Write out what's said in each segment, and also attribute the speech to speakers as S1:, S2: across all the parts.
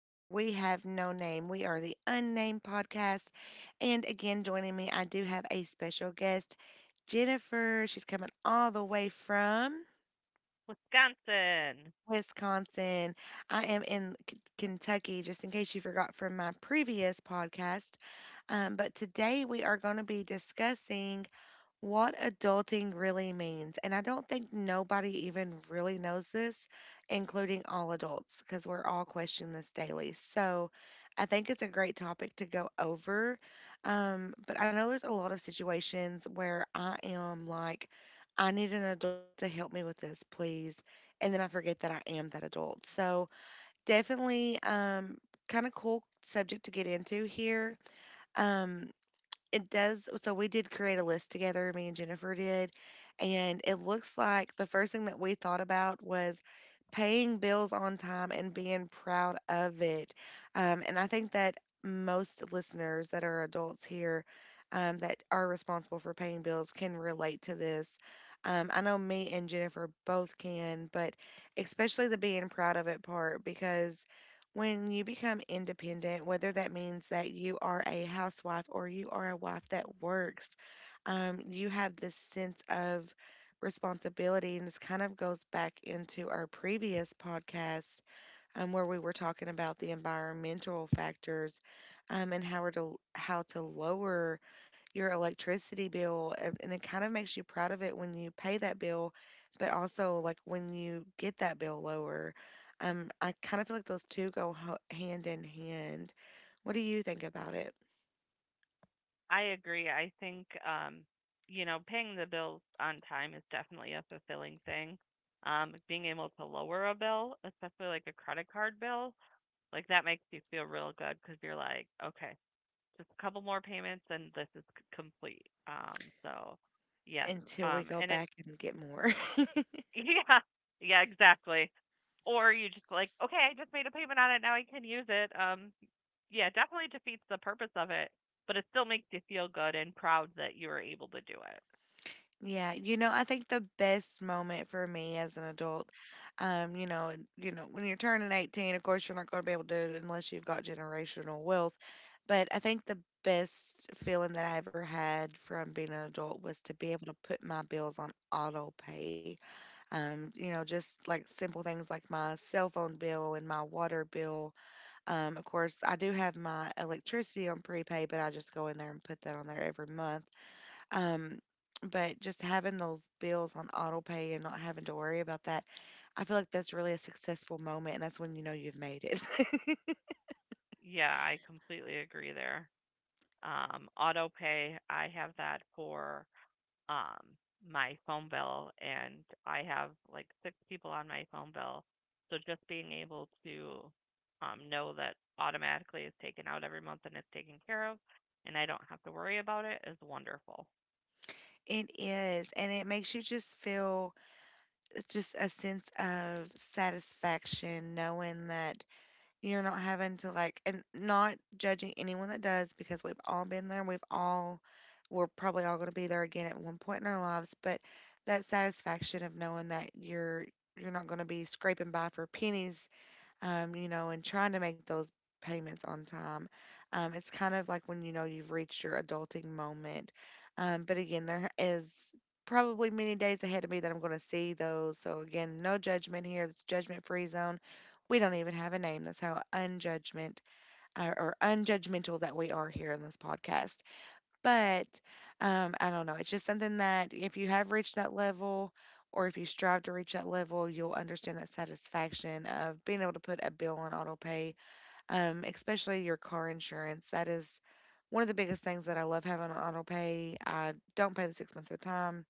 S1: where we have no name. We are the Unnamed Podcast. And again, joining me, I do have a special guest, Jennifer. She's coming all the way from
S2: Wisconsin.
S1: Wisconsin. I am in Kentucky, just in case you forgot from my previous podcast. But today we are going to be discussing what adulting really means. And I don't think nobody even really knows this, including all adults, because we're all questioning this daily. So I think it's a great topic to go over. But I know there's a lot of situations where I am like, I need an adult to help me with this, please. And then I forget that I am that adult. So definitely, kind of cool subject to get into here. Um, it does so we did create a list together, me and Jennifer did, and it looks like the first thing that we thought about was paying bills on time and being proud of it. And I think that most listeners that are adults here, that are responsible for paying bills, can relate to this. I know me and Jennifer both can, but especially the being proud of it part, because when you become independent, whether that means that you are a housewife or you are a wife that works, you have this sense of responsibility. And this kind of goes back into our previous podcast, where we were talking about the environmental factors, and how to lower your electricity bill, and it kind of makes you proud of it when you pay that bill, but also like when you get that bill lower. I kind of feel like those two go hand in hand. What do you think about it?
S2: I agree. I think you know, paying the bills on time is definitely a fulfilling thing. Being able to lower a bill, especially like a credit card bill, like that makes you feel real good because you're like, okay, just a couple more payments and this is complete. So yes,
S1: Until we go
S2: and it
S1: back and get more.
S2: Yeah. Yeah, exactly. Or you just like, okay, I just made a payment on it, now I can use it. Yeah, definitely defeats the purpose of it, but it still makes you feel good and proud that you were able to do it.
S1: Yeah, you know, I think the best moment for me as an adult, you know, you know, when you're turning 18, of course, you're not going to be able to do it unless you've got generational wealth. But I think the best feeling that I ever had from being an adult was to be able to put my bills on auto pay. You know, just like simple things like my cell phone bill and my water bill. Of course, I do have my electricity on prepay, but I just go in there and put that on there every month. Um, but just having those bills on auto pay and not having to worry about that, I feel like that's really a successful moment, and that's when you know you've made it.
S2: Yeah, I completely agree there. Auto pay, I have that for um my phone bill and I have like 6 people on my phone bill. So just being able to know that automatically is taken out every month and it's taken care of and I don't have to worry about it is wonderful.
S1: It is, and it makes you just feel, just a sense of satisfaction knowing that you're not having to, like, and not judging anyone that does, because we've all been there. We're probably all going to be there again at one point in our lives, but that satisfaction of knowing that you're not going to be scraping by for pennies, you know, and trying to make those payments on time. It's kind of like when you know you've reached your adulting moment. But again, there is probably many days ahead of me that I'm going to see those. So again, no judgment here. It's judgment free zone. We don't even have a name. That's how unjudgment, or unjudgmental that we are here in this podcast. But I don't know, it's just something that if you have reached that level, or if you strive to reach that level, you'll understand that satisfaction of being able to put a bill on auto pay, especially your car insurance. That is one of the biggest things that I love having on auto pay. I don't pay the 6 months at a time.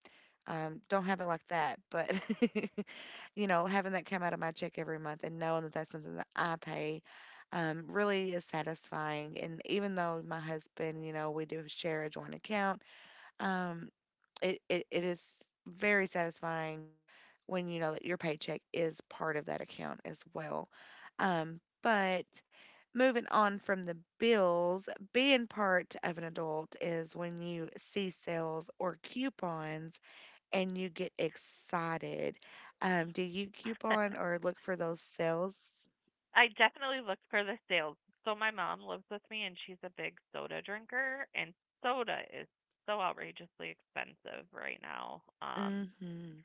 S1: Don't have it like that, but you know, having that come out of my check every month and knowing that that's something that I pay, really is satisfying. And even though my husband, you know, we do share a joint account, um, it is very satisfying when you know that your paycheck is part of that account as well. But moving on from the bills, being part of an adult is when you see sales or coupons and you get excited. Do you coupon or look for those sales?
S2: I definitely looked for the sales. So my mom lives with me and she's a big soda drinker and soda is so outrageously expensive right now.
S1: Mm-hmm.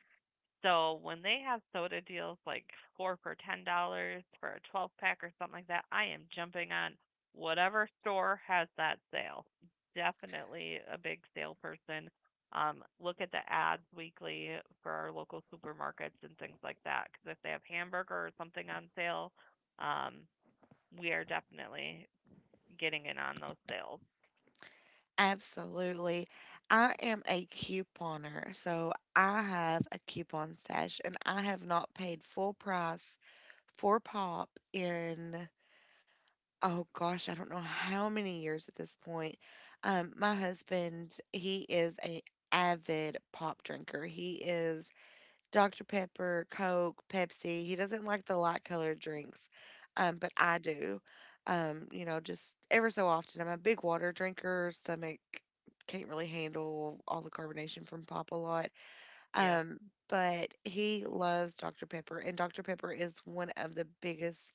S2: So when they have soda deals like four for $10 for a 12 pack or something like that, I am jumping on whatever store has that sale. Definitely a big sale person. Look at the ads weekly for our local supermarkets and things like that. Because if they have hamburger or something on sale, um, we are definitely getting in on those sales.
S1: Absolutely. I am a couponer, so I have a coupon stash and I have not paid full price for pop in, oh gosh, I don't know how many years at this point. My husband, he is a avid pop drinker. He is Dr. Pepper, Coke, Pepsi. He doesn't like the light colored drinks, but I do. You know, just ever so often. I'm a big water drinker. Stomach can't really handle all the carbonation from pop a lot.
S2: Yeah.
S1: Um, but he loves Dr. Pepper, and Dr. Pepper is one of the biggest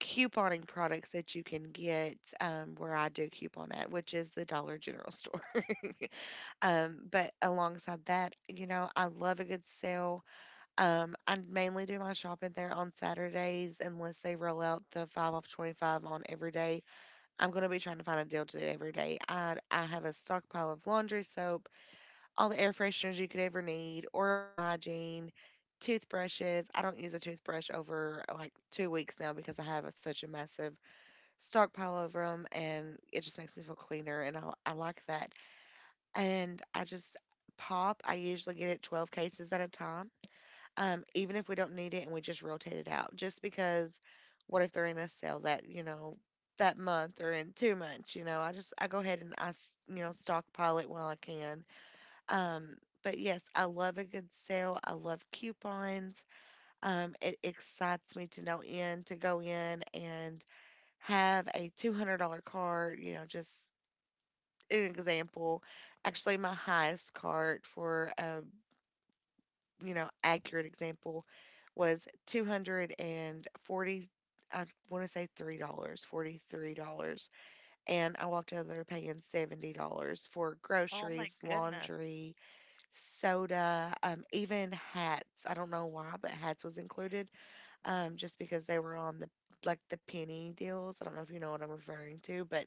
S1: couponing products that you can get, where I do coupon at, which is the Dollar General store. But alongside that, you know, I love a good sale. I mainly do my shopping there on Saturdays unless they roll out the five off 25 on every day. I'm gonna be trying to find a deal to do every day. I have a stockpile of laundry soap, all the air fresheners you could ever need, oral hygiene, toothbrushes. I don't use a toothbrush over like 2 weeks now because I have such a massive stockpile over them, and it just makes me feel cleaner, and I like that. And I just pop. I usually get it 12 cases at a time, even if we don't need it and we just rotate it out. Just because, what if they're in a sale that you know that month or in 2 months? You know, I just I go ahead and you know, stockpile it while I can. Um, but yes, I love a good sale. I love coupons. It excites me to know, in to go in and have a $200 cart. You know, just an example. Actually, my highest cart for a, you know, accurate example was 240, I want to say $3, dollars, $43. And I walked out of there paying $70 for
S2: Oh my
S1: groceries,
S2: goodness.
S1: laundry, soda, even hats. I don't know why, but hats was included, just because they were on the, like, the penny deals. I don't know if you know what I'm referring to, but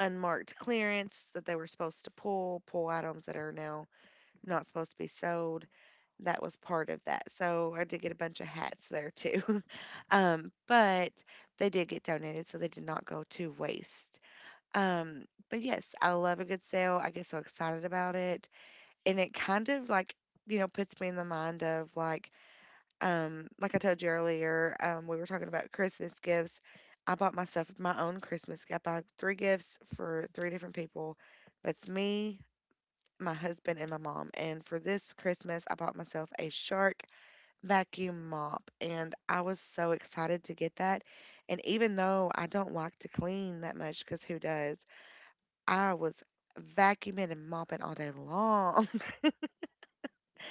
S1: unmarked clearance that they were supposed to pull, pull items that are now not supposed to be sold. That was part of that. So I did get a bunch of hats there too. But they did get donated, so they did not go to waste. But yes, I love a good sale. I get so excited about it. And it kind of like, you know, puts me in the mind of like I told you earlier, we were talking about Christmas gifts. I bought myself my own Christmas gift. I bought three gifts for three different people. That's me, my husband and my mom. And for this Christmas, I bought myself a Shark vacuum mop, and I was so excited to get that. And even though I don't like to clean that much, because who does? I was vacuuming and mopping all day long.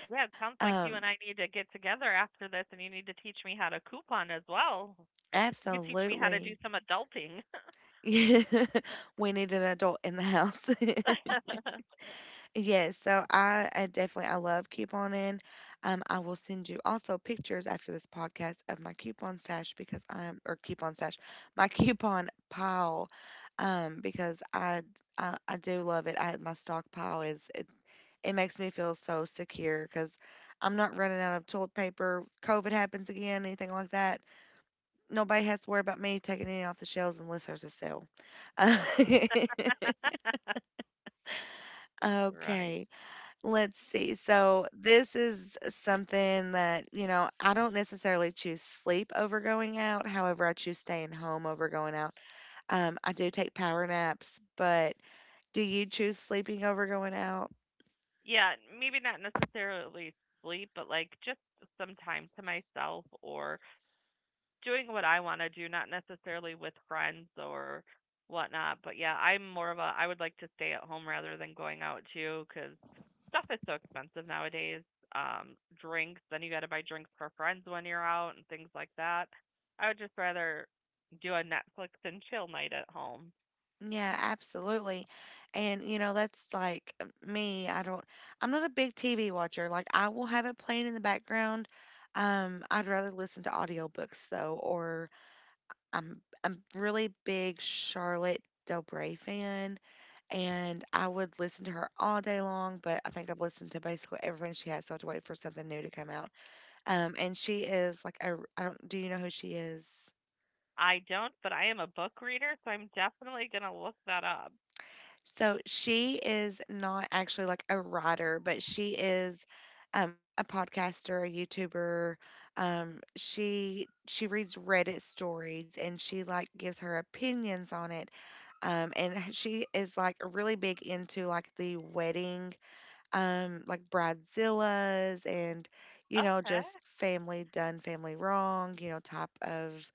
S2: Yeah, it sounds like
S1: um,
S2: you and I need to get together after this, and you need to teach me how to coupon as well. You could teach me how to
S1: absolutely.
S2: do some adulting.
S1: We need an adult in the house. Yes, so I definitely I love couponing. I will send you also pictures after this podcast of my coupon stash, because I'm, or coupon stash, my coupon pile, because I do love it. I my stockpile is, it makes me feel so secure because I'm not running out of toilet paper. COVID happens again, anything like that. Nobody has to worry about me taking any off the shelves unless there's a sale.
S2: Right.
S1: Okay. Let's see. So this is something that, you know, I don't necessarily choose sleep over going out. However, I choose staying home over going out. I do take power naps, but do you choose sleeping over going out?
S2: Yeah, maybe not necessarily sleep, but like just some time to myself or doing what I want to do, not necessarily with friends or whatnot. But yeah, I'm more of a I would like to stay at home rather than going out too, because stuff is so expensive nowadays. Drinks, then you got to buy drinks for friends when you're out and things like that. I would just rather do a Netflix and chill night at home.
S1: Yeah, absolutely. And you know, that's like, me. I'm not a big TV watcher. Like, I will have it playing in the background. I'd rather listen to audiobooks though, or I'm really big Charlotte Del Bray fan, and I would listen to her all day long. But I think I've listened to basically everything she has, so I have to wait for something new to come out. And she is like a, I don't do you know who she is?
S2: I don't, but I am a book reader, so I'm definitely going to look that up.
S1: So she is not actually like a writer, but she is, a podcaster, a YouTuber. She reads Reddit stories and she like gives her opinions on it. She is like really big into like the wedding, like bridezillas and you know
S2: Okay.
S1: just family done, family wrong, type of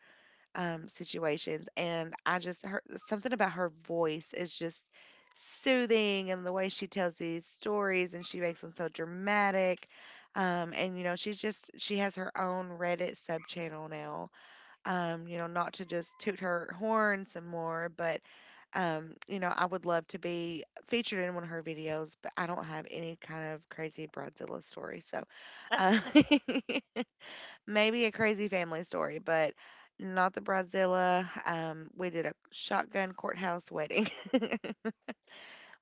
S1: situations. And I just heard something about her voice is just soothing and the way she tells these stories and she makes them so dramatic. And she has her own Reddit sub channel now. Not to just toot her horn some more, but I would love to be featured in one of her videos, but I don't have any kind of crazy Bridezilla story. So, um, maybe a crazy family story, but not the bridezilla. We did a shotgun courthouse wedding.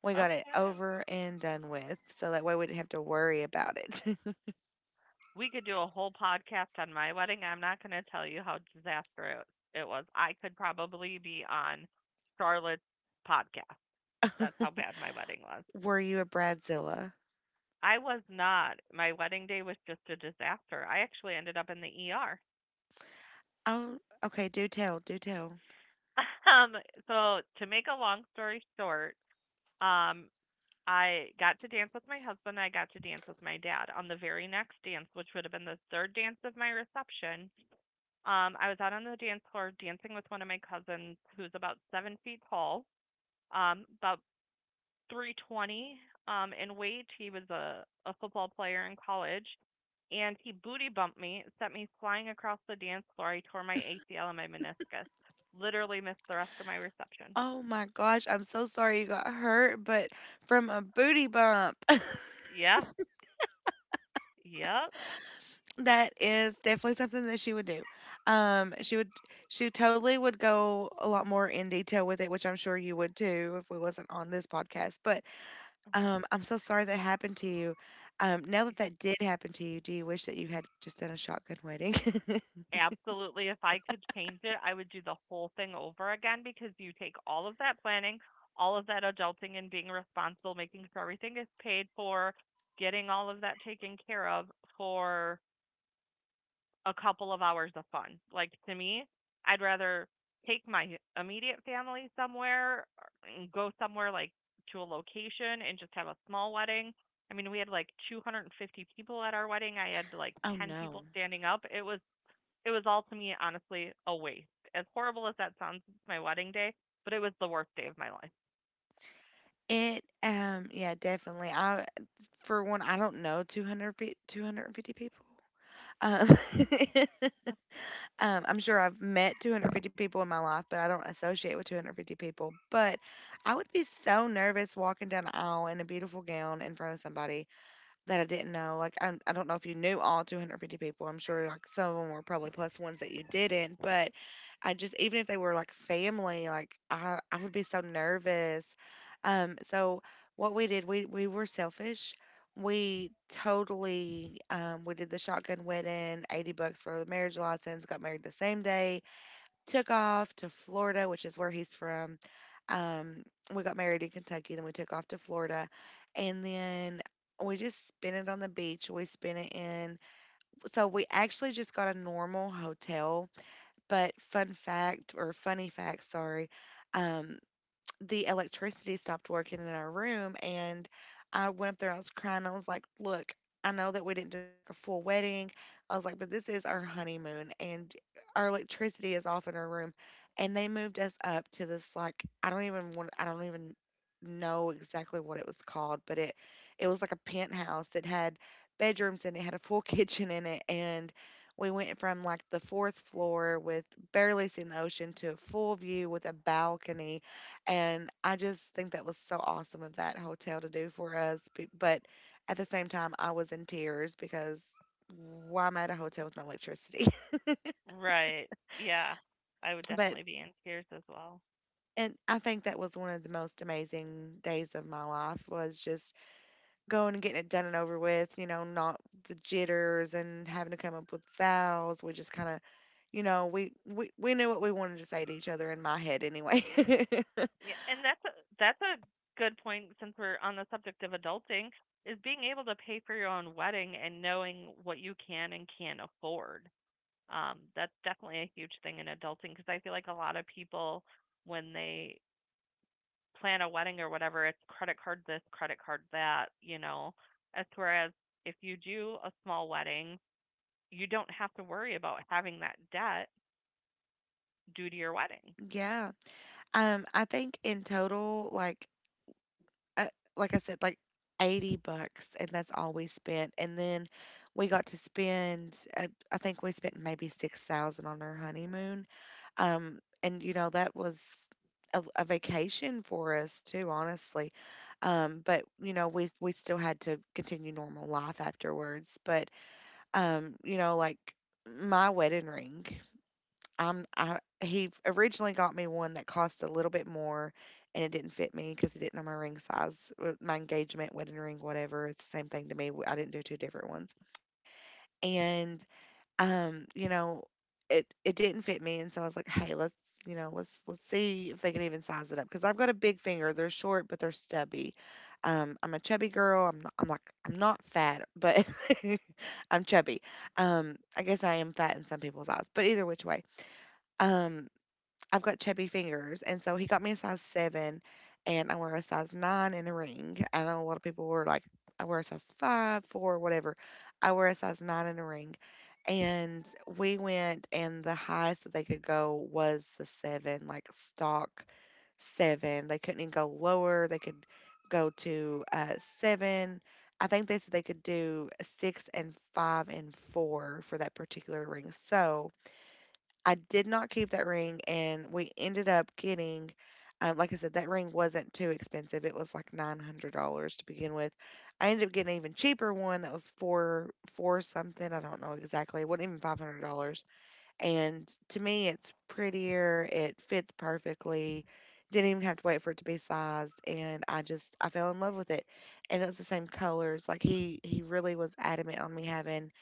S1: We got it
S2: Okay.
S1: over and done with, so that way we didn't have to worry about it.
S2: We could do a whole podcast on my wedding. I'm not going to tell you how disastrous it was. I could probably be on Charlotte's podcast. That's how bad my wedding was.
S1: Were you a bridezilla?
S2: I was not. My wedding day was just a disaster. I actually ended up in the ER.
S1: Oh, okay. Do tell. Do tell.
S2: Um, so to make a long story short, um, I got to dance with my husband. I got to dance with my dad on the very next dance, which would have been the third dance of my reception. I was out on the dance floor dancing with one of my cousins who's about 7 feet tall, about 320 in weight. He was a football player in college, and he booty bumped me, sent me flying across the dance floor. I tore my ACL and my meniscus. Literally missed the rest of my reception.
S1: Oh my gosh, I'm so sorry you got hurt, but from a booty bump.
S2: Yeah, yep,
S1: That is definitely something that she would do. Um, she would, she totally would go a lot more in detail with it, which I'm sure you would too if we wasn't on this podcast. But I'm so sorry that happened to you. Now that
S2: yeah.
S1: that did happen to you, do you wish that you had just done a shotgun wedding?
S2: Absolutely. If I could change it, I would do the whole thing over again because you take all of that planning, all of that adulting and being responsible, making sure everything is paid for, getting all of that taken care of for a couple of hours of fun. Like to me, I'd rather take my immediate family somewhere and go somewhere like to a location and just have a small wedding. I mean, we had like 250 people at our wedding. I had like
S1: Oh
S2: 10
S1: no.
S2: people standing up. It was all to me honestly a waste. As horrible as that sounds, my wedding day, but it was the worst day of my life.
S1: It yeah definitely. I for one I don't know, 200 250 people. Um I'm sure I've met 250 people in my life, but I don't associate with 250 people. But I would be so nervous walking down the aisle in a beautiful gown in front of somebody that I didn't know. Like, I don't know if you knew all 250 people. I'm sure like some of them were probably plus ones that you didn't. But I just, even if they were like family, like I would be so nervous. So what we did, we were selfish. We totally we did the shotgun wedding, 80 bucks for the marriage license, got married the same day, took off to Florida, which is where he's from. Um, we got married in Kentucky, then we took off to Florida, and then we just spent it on the beach. We spent it in, So we actually just got a normal hotel. But fun fact, or funny fact, sorry, um, the electricity stopped working in our room, and I went up there, I was crying, I was like, "Look, I know that we didn't do like a full wedding." I was like, "But this is our honeymoon and our electricity is off in our room." And they moved us up to this, like, I don't even know exactly what it was called, but it was like a penthouse. It had bedrooms and it had a full kitchen in it, and we went from like the fourth floor with barely seeing the ocean to a full view with a balcony, and I just think that was so awesome of that hotel to do for us. But at the same time, I was in tears because why am I at a hotel with no electricity?
S2: Right. Yeah. I would
S1: But
S2: definitely be in tears as well.
S1: and I think that was one of the most amazing days of my life, was just going and getting it done and over with, you know, not the jitters and having to come up with vows. We just kind of, you know, we knew what we wanted to say to each other, in my head anyway.
S2: Yeah, and that's a good point since we're on the subject of adulting is being able to pay for your own wedding and knowing what you can and can't afford. That's definitely a huge thing in adulting because I feel like a lot of people when they plan a wedding or whatever, it's credit card this, credit card that, you know. As whereas if you do a small wedding, you don't have to worry about having that debt due to your wedding.
S1: Yeah. I think in total, uh, like I said, like 80 bucks, and that's all we spent. And then we got to spend, I think we spent maybe 6,000 on our honeymoon. And you know, that was a vacation for us too, honestly. But you know, we still had to continue normal life afterwards. But like my wedding ring. I'm I He originally got me one that cost a little bit more, and it didn't fit me because he didn't know my ring size, my engagement, wedding ring, whatever. It's the same thing to me. I didn't do two different ones. And um, you know, it it didn't fit me, and so I was like, "Hey, let's see if they can even size it up because I've got a big finger. They're short, but they're stubby." I'm a chubby girl. I'm like, I'm not fat, but I'm chubby. I guess I am fat in some people's eyes, but either which way. Um, I've got chubby fingers, and so he got me a size seven, and I wear a size nine in a ring. I know a lot of people were like, I wear a size five, four, whatever. I wear a size nine in a ring, and we went, and the highest that they could go was the seven, like stock seven. They couldn't even go lower. They could go to seven. I think they said they could do six and five and four for that particular ring. So I did not keep that ring, and we ended up getting, like I said, that ring wasn't too expensive. It was like $900 to begin with. I ended up getting an even cheaper one that was four, four something. I don't know exactly. It wasn't even $500. And to me, it's prettier. It fits perfectly. Didn't even have to wait for it to be sized, and I just I fell in love with it. And it was the same colors. Like he really was adamant on me having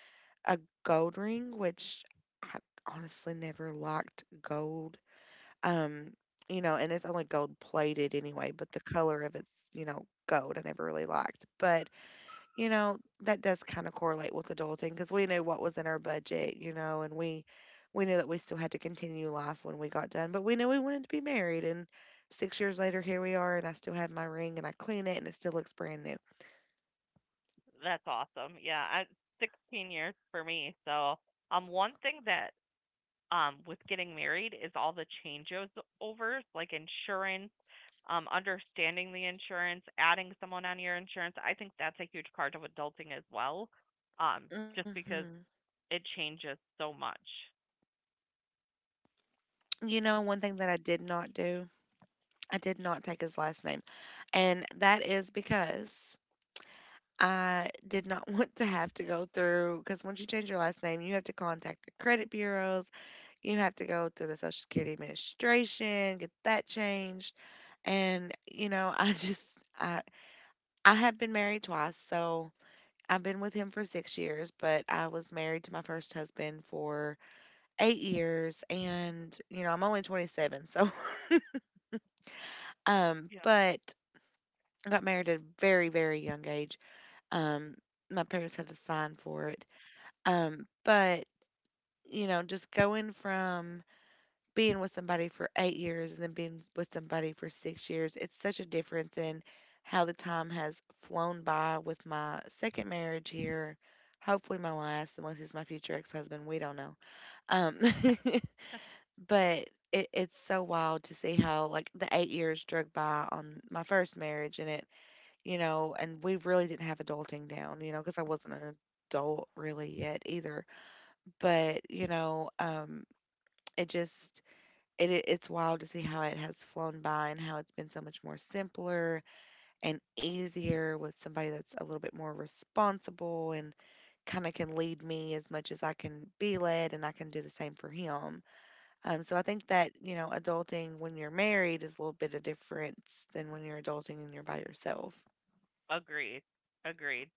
S1: a gold ring, which I honestly never liked gold. Um, you know, and it's only gold plated anyway, but the color of it's, you know, gold, I never really liked. But, you know, that does kind of correlate with adulting because we knew what was in our budget, you know, and we knew that we still had to continue life when we got done, but we knew we wanted to be married, and 6 years later, here we are, and I still have my ring and I clean it and it still looks brand new.
S2: That's awesome. 16 years for me. So, one thing that with getting married is all the changes overs like insurance understanding the insurance, adding someone on your insurance, I think that's a huge part of adulting as well. Um, just because
S1: Mhm.
S2: it changes so much.
S1: You know, one thing that I did not do, I did not take his last name. And that is because I did not want to have to go through, because once you change your last name, you have to contact the credit bureaus, you have to go through the Social Security Administration, get that changed. And, you know, I, I have been married twice, so I've been with him for 6 years, but I was married to my first husband for 8 years. And, you know, I'm only 27, so,
S2: Yeah.
S1: but I got married at a very, very young age. Um, my parents had to sign for it. But you know, just going from being with somebody for 8 years and then being with somebody for 6 years, it's such a difference in how the time has flown by with my second marriage here. Hopefully my last, unless he's my future ex husband, we don't know. Um, but it's so wild to see how, like, the 8 years drug by on my first marriage, and it, you know, and we really didn't have adulting down, you know, because I wasn't an adult really yet either. But you know, it just it's wild to see how it has flown by and how it's been so much more simpler and easier with somebody that's a little bit more responsible and kind of can lead me as much as I can be led, and I can do the same for him. So I think that, you know, adulting when you're married is a little bit of difference than when you're adulting and you're by yourself.
S2: Agreed. Agreed.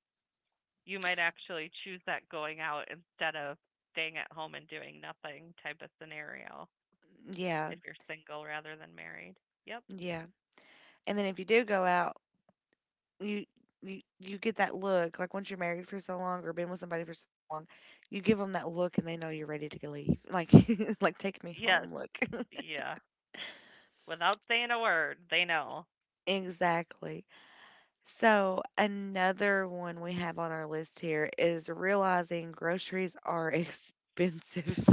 S2: You might actually choose that going out instead of staying at home and doing nothing type of scenario
S1: Yeah,
S2: if you're single rather than married. Yep.
S1: yeah. And then if you do go out, you you get that look. Like once you're married for so long or been with somebody for so long, you give them that look and they know you're ready to go leave. Like like take me
S2: Yes.
S1: home look.
S2: Yeah. Without saying a word, they know.
S1: Exactly. So another one we have on our list here is realizing groceries are expensive.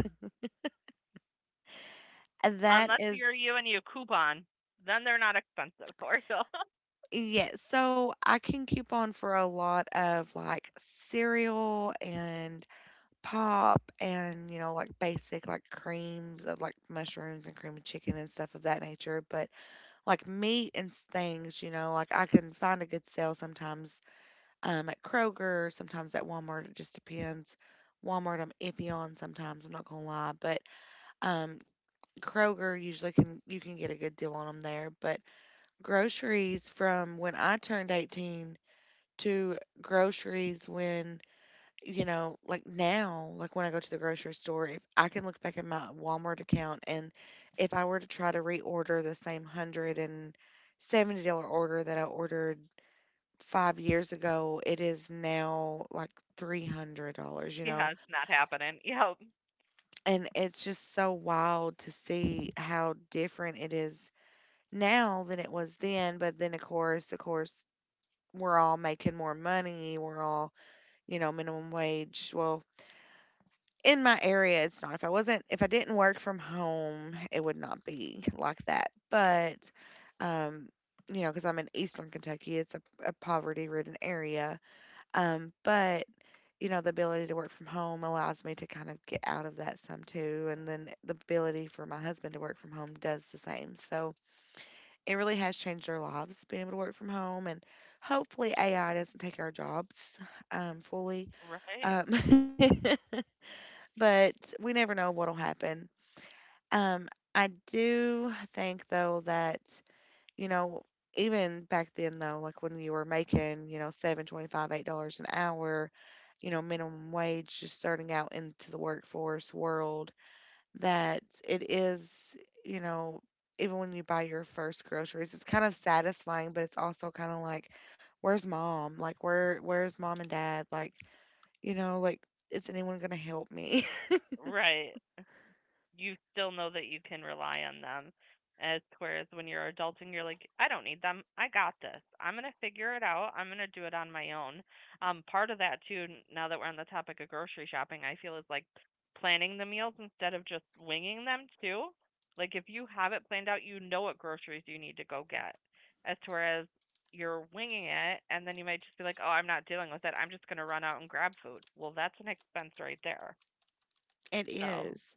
S1: That
S2: Unless
S1: is.
S2: you're you and you coupon, then they're not expensive for you.
S1: Yeah, so I can keep on for a lot of like cereal and pop and you know like basic like creams of like mushrooms and cream of chicken and stuff of that nature, but like meat and things, you know, like I can find a good sale sometimes at Kroger, sometimes at Walmart. It just depends. Walmart I'm iffy on sometimes, I'm not gonna lie, but um Kroger usually can, you can get a good deal on them there. But groceries from when I turned 18 to groceries when, you know, like now, like when I go to the grocery store, if I can look back at my Walmart account and if I were to try to reorder the same $170 order that I ordered 5 years ago, it is now like $300, you know.
S2: Yeah, it's not happening. Yep.
S1: And it's just so wild to see how different it is now than it was then. But then of course, we're all making more money. We're all, you know, minimum wage. Well, in my area, it's not. If I wasn't, if I didn't work from home, it would not be like that. Um, you know, because I'm in Eastern Kentucky, it's a poverty-ridden area. But you know, the ability to work from home allows me to kind of get out of that some too, and then the ability for my husband to work from home does the same. So it really has changed our lives being able to work from home, and hopefully AI doesn't take our jobs fully.
S2: Right.
S1: Um, but we never know what'll happen. Um, I do think though that, you know, even back then though, like when you were making, you know, $7.25, $8 an hour, you know, minimum wage, just starting out into the workforce world, that it is, you know, even when you buy your first groceries, it's kind of satisfying, but it's also kind of like, where's mom? Like where's mom and dad? Like you know like is anyone gonna help me?
S2: Right. You still know that you can rely on them. As whereas when you're adulting, you're like, I don't need them. I got this. I'm gonna figure it out. I'm gonna do it on my own. Part of that too. Now that we're on the topic of grocery shopping, I feel is like planning the meals instead of just winging them too. Like if you have it planned out, you know what groceries you need to go get. As to whereas you're winging it, and then you might just be like, "Oh, I'm not dealing with it. I'm just gonna run out and grab food." Well, that's an expense right there.
S1: It
S2: So
S1: is.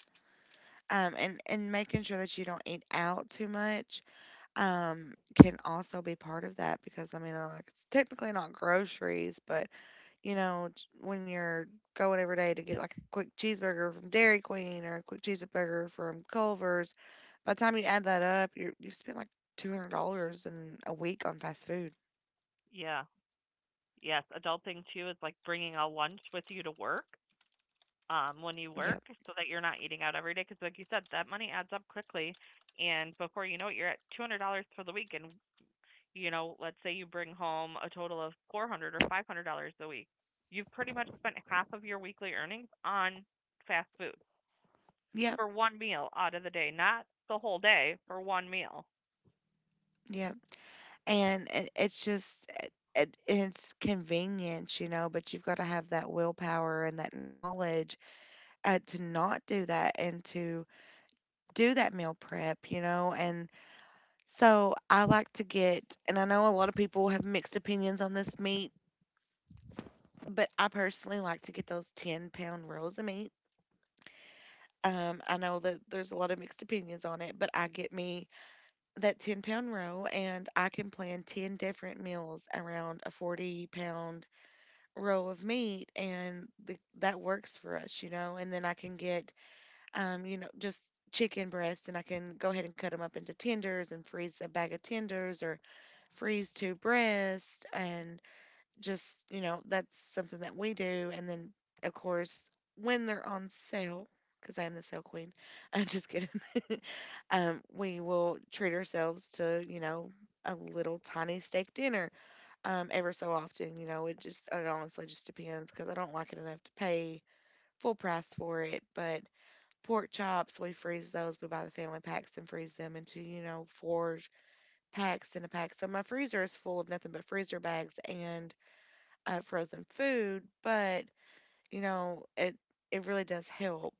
S1: And making sure that you don't eat out too much can also be part of that because I mean, like it's technically not groceries, but you know, when you're going every day to get like a quick cheeseburger from Dairy Queen or a quick cheeseburger from Culver's, by the time you add that up, you've spent like $200 in a week on fast food.
S2: yeah. Yes, adulting too is like bringing a lunch with you to work when you work
S1: Yep,
S2: so that you're not eating out every day. Because, like you said, that money adds up quickly. And before you know it, you're at $200 for the week. And, you know, let's say you bring home a total of 400 or $500 a week. You've pretty much spent half of your weekly earnings on fast food
S1: yep,
S2: for one meal out of the day, not the whole day for one meal.
S1: yep. And it's just it's convenience, you know, but you've got to have that willpower and that knowledge to not do that and to do that meal prep, you know. And so I like to get, and I know a lot of people have mixed opinions on this meat, but I personally like to get those 10 pound rolls of meat. I know that there's a lot of mixed opinions on it, but I get me that 10 pound roll and I can plan 10 different meals around a 40 pound roll of meat and that works for us, you know, and then I can get, you know, just chicken breast, and I can go ahead and cut them up into tenders and freeze a bag of tenders or freeze two breasts. And just, you know, that's something that we do. And then, of course, when they're on sale, because I am the sale queen, I'm just kidding. We will treat ourselves to, you know, a little tiny steak dinner ever so often. You know, it just, it honestly just depends because I don't like it enough to pay full price for it. But pork chops, we freeze those. We buy the family packs and freeze them into, you know, four packs in a pack. So my freezer is full of nothing but freezer bags and frozen food. But, you know, it really does help.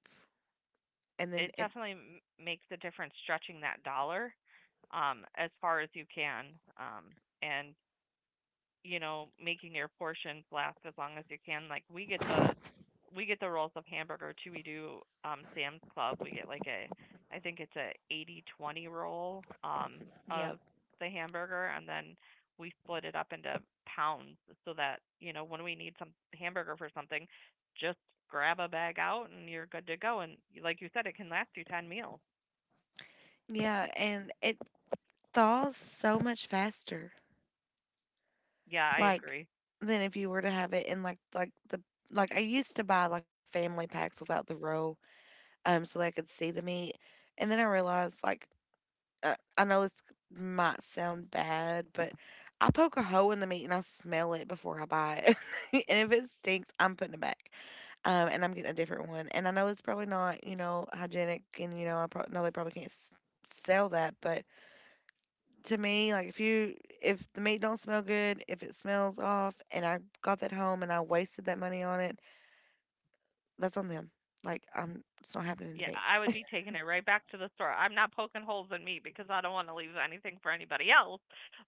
S1: And then
S2: It definitely makes a difference stretching that dollar as far as you can. Um, and you know, making your portions last as long as you can. Like we get the rolls of hamburger too. We do Sam's Club. We get like a I think it's a 80/20 roll
S1: yep.
S2: of the hamburger and then we split it up into pounds so that, you know, when we need some hamburger for something, just grab a bag out and you're good to go and like you said it can last you 10 meals.
S1: Yeah. And it thaws so much faster.
S2: Yeah, I
S1: Like,
S2: agree.
S1: than if you were to have it in like the like I used to buy like the family packs without the roll, so that I could see the meat. And then I realized like I know this might sound bad, but I poke a hole in the meat and I smell it before I buy it. And if it stinks, I'm putting it back. And I'm getting a different one. And I know it's probably not, you know, hygienic, and you know, I know they probably can't sell that, but to me, like if you if the meat don't smell good, if it smells off, and I got that home and I wasted that money on it, that's on them. Like it's not happening to
S2: Yeah,
S1: me.
S2: I would be taking it right back to the store. I'm not poking holes in me because I don't want to leave anything for anybody else.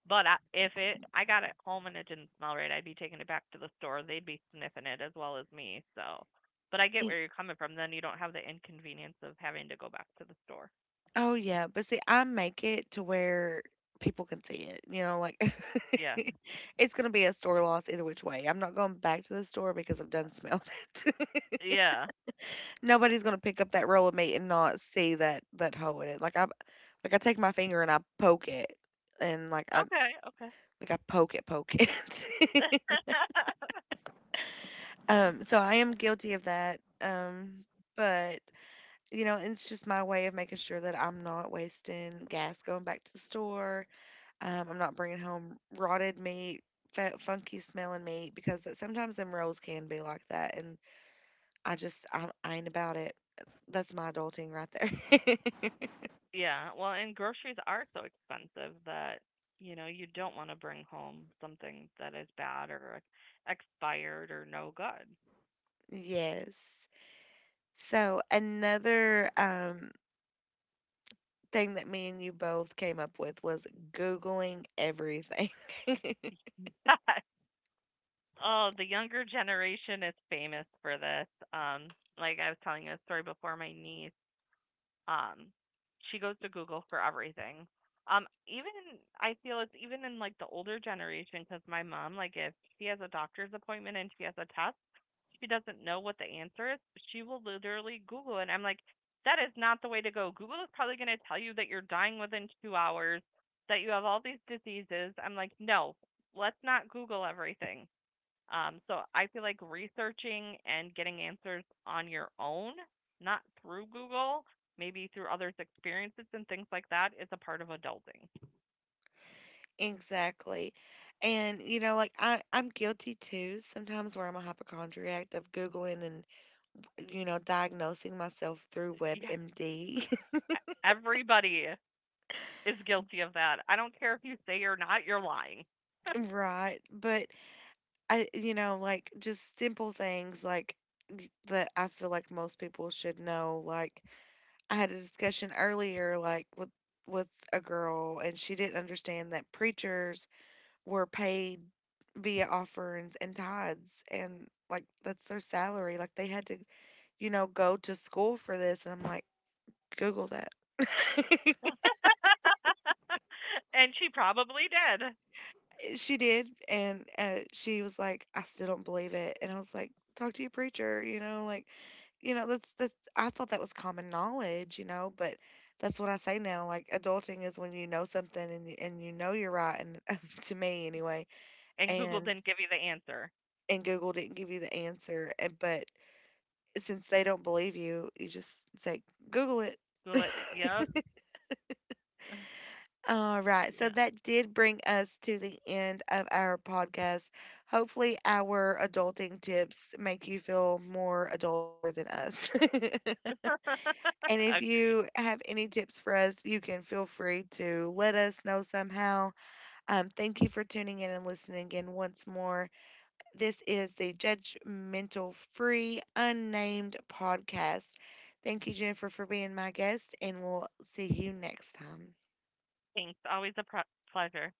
S2: But I, if it, I got it home and it didn't smell right, I'd be taking it back to the store. They'd be sniffing it as well as me. So, but I get where you're coming from. Then you don't have the inconvenience of having to go back to the store.
S1: Oh yeah, but see, I make it to where people can see it. You know, like
S2: Yeah,
S1: it's gonna be a store loss either which way. I'm not going back to the store because I've done smelled it.
S2: yeah.
S1: Nobody's gonna pick up that roll of meat and not see that hole in it. Like I take my finger and I poke it, and
S2: Okay, okay.
S1: I poke it, poke it. So I am guilty of that. But you know, it's just my way of making sure that I'm not wasting gas going back to the store. I'm not bringing home rotted meat, funky smelling meat because that sometimes them rolls can be like that, and I ain't about it. That's my adulting right there.
S2: Yeah. Well, and groceries are so expensive that you know you don't want to bring home something that is bad or expired or no good.
S1: Yes. So another thing that me and you both came up with was googling everything.
S2: Oh, the younger generation is famous for this. Um, like I was telling you a story before, my niece, um, she goes to Google for everything. Even I feel it's even in like the older generation because my mom, like if she has a doctor's appointment and she has a test, she doesn't know what the answer is. She will literally Google it. And I'm like, that is not the way to go. Google is probably going to tell you that you're dying within 2 hours, that you have all these diseases. I'm like, no, let's not Google everything. So I feel like researching and getting answers on your own, not through Google, maybe through others' experiences and things like that, is a part of adulting.
S1: Exactly. And you know, I'm guilty too sometimes where I'm a hypochondriac of googling and you know diagnosing myself through
S2: Yeah,
S1: WebMD.
S2: everybody is guilty of that. I don't care if you say you're not, you're lying.
S1: Right. But I, you know, like just simple things like that I feel like most people should know. Like I had a discussion earlier, like with a girl and she didn't understand that preachers were paid via offerings and tithes and like that's their salary. Like they had to, you know, go to school for this and I'm like, Google that.
S2: And she probably did.
S1: She did and she was like I still don't believe it, and I was like, talk to your preacher, you know, like you know that's I thought that was common knowledge, you know, but that's what I say now, like adulting is when you know something and you know you're right, and to me anyway,
S2: And Google
S1: and
S2: didn't give you the answer.
S1: Google didn't give you the answer, and but since they don't believe you, you just say, Google it.
S2: Google it. Yep.
S1: All right. So
S2: Yeah.
S1: that did bring us to the end of our podcast. Hopefully, our adulting tips make you feel more adulter than us. And if
S2: Agreed.
S1: you have any tips for us, you can feel free to let us know somehow. Thank you for tuning in and listening again once more. This is the Judgmental Free Unnamed Podcast. Thank you, Jennifer, for being my guest, and we'll see you next time.
S2: Thanks. Always a pleasure.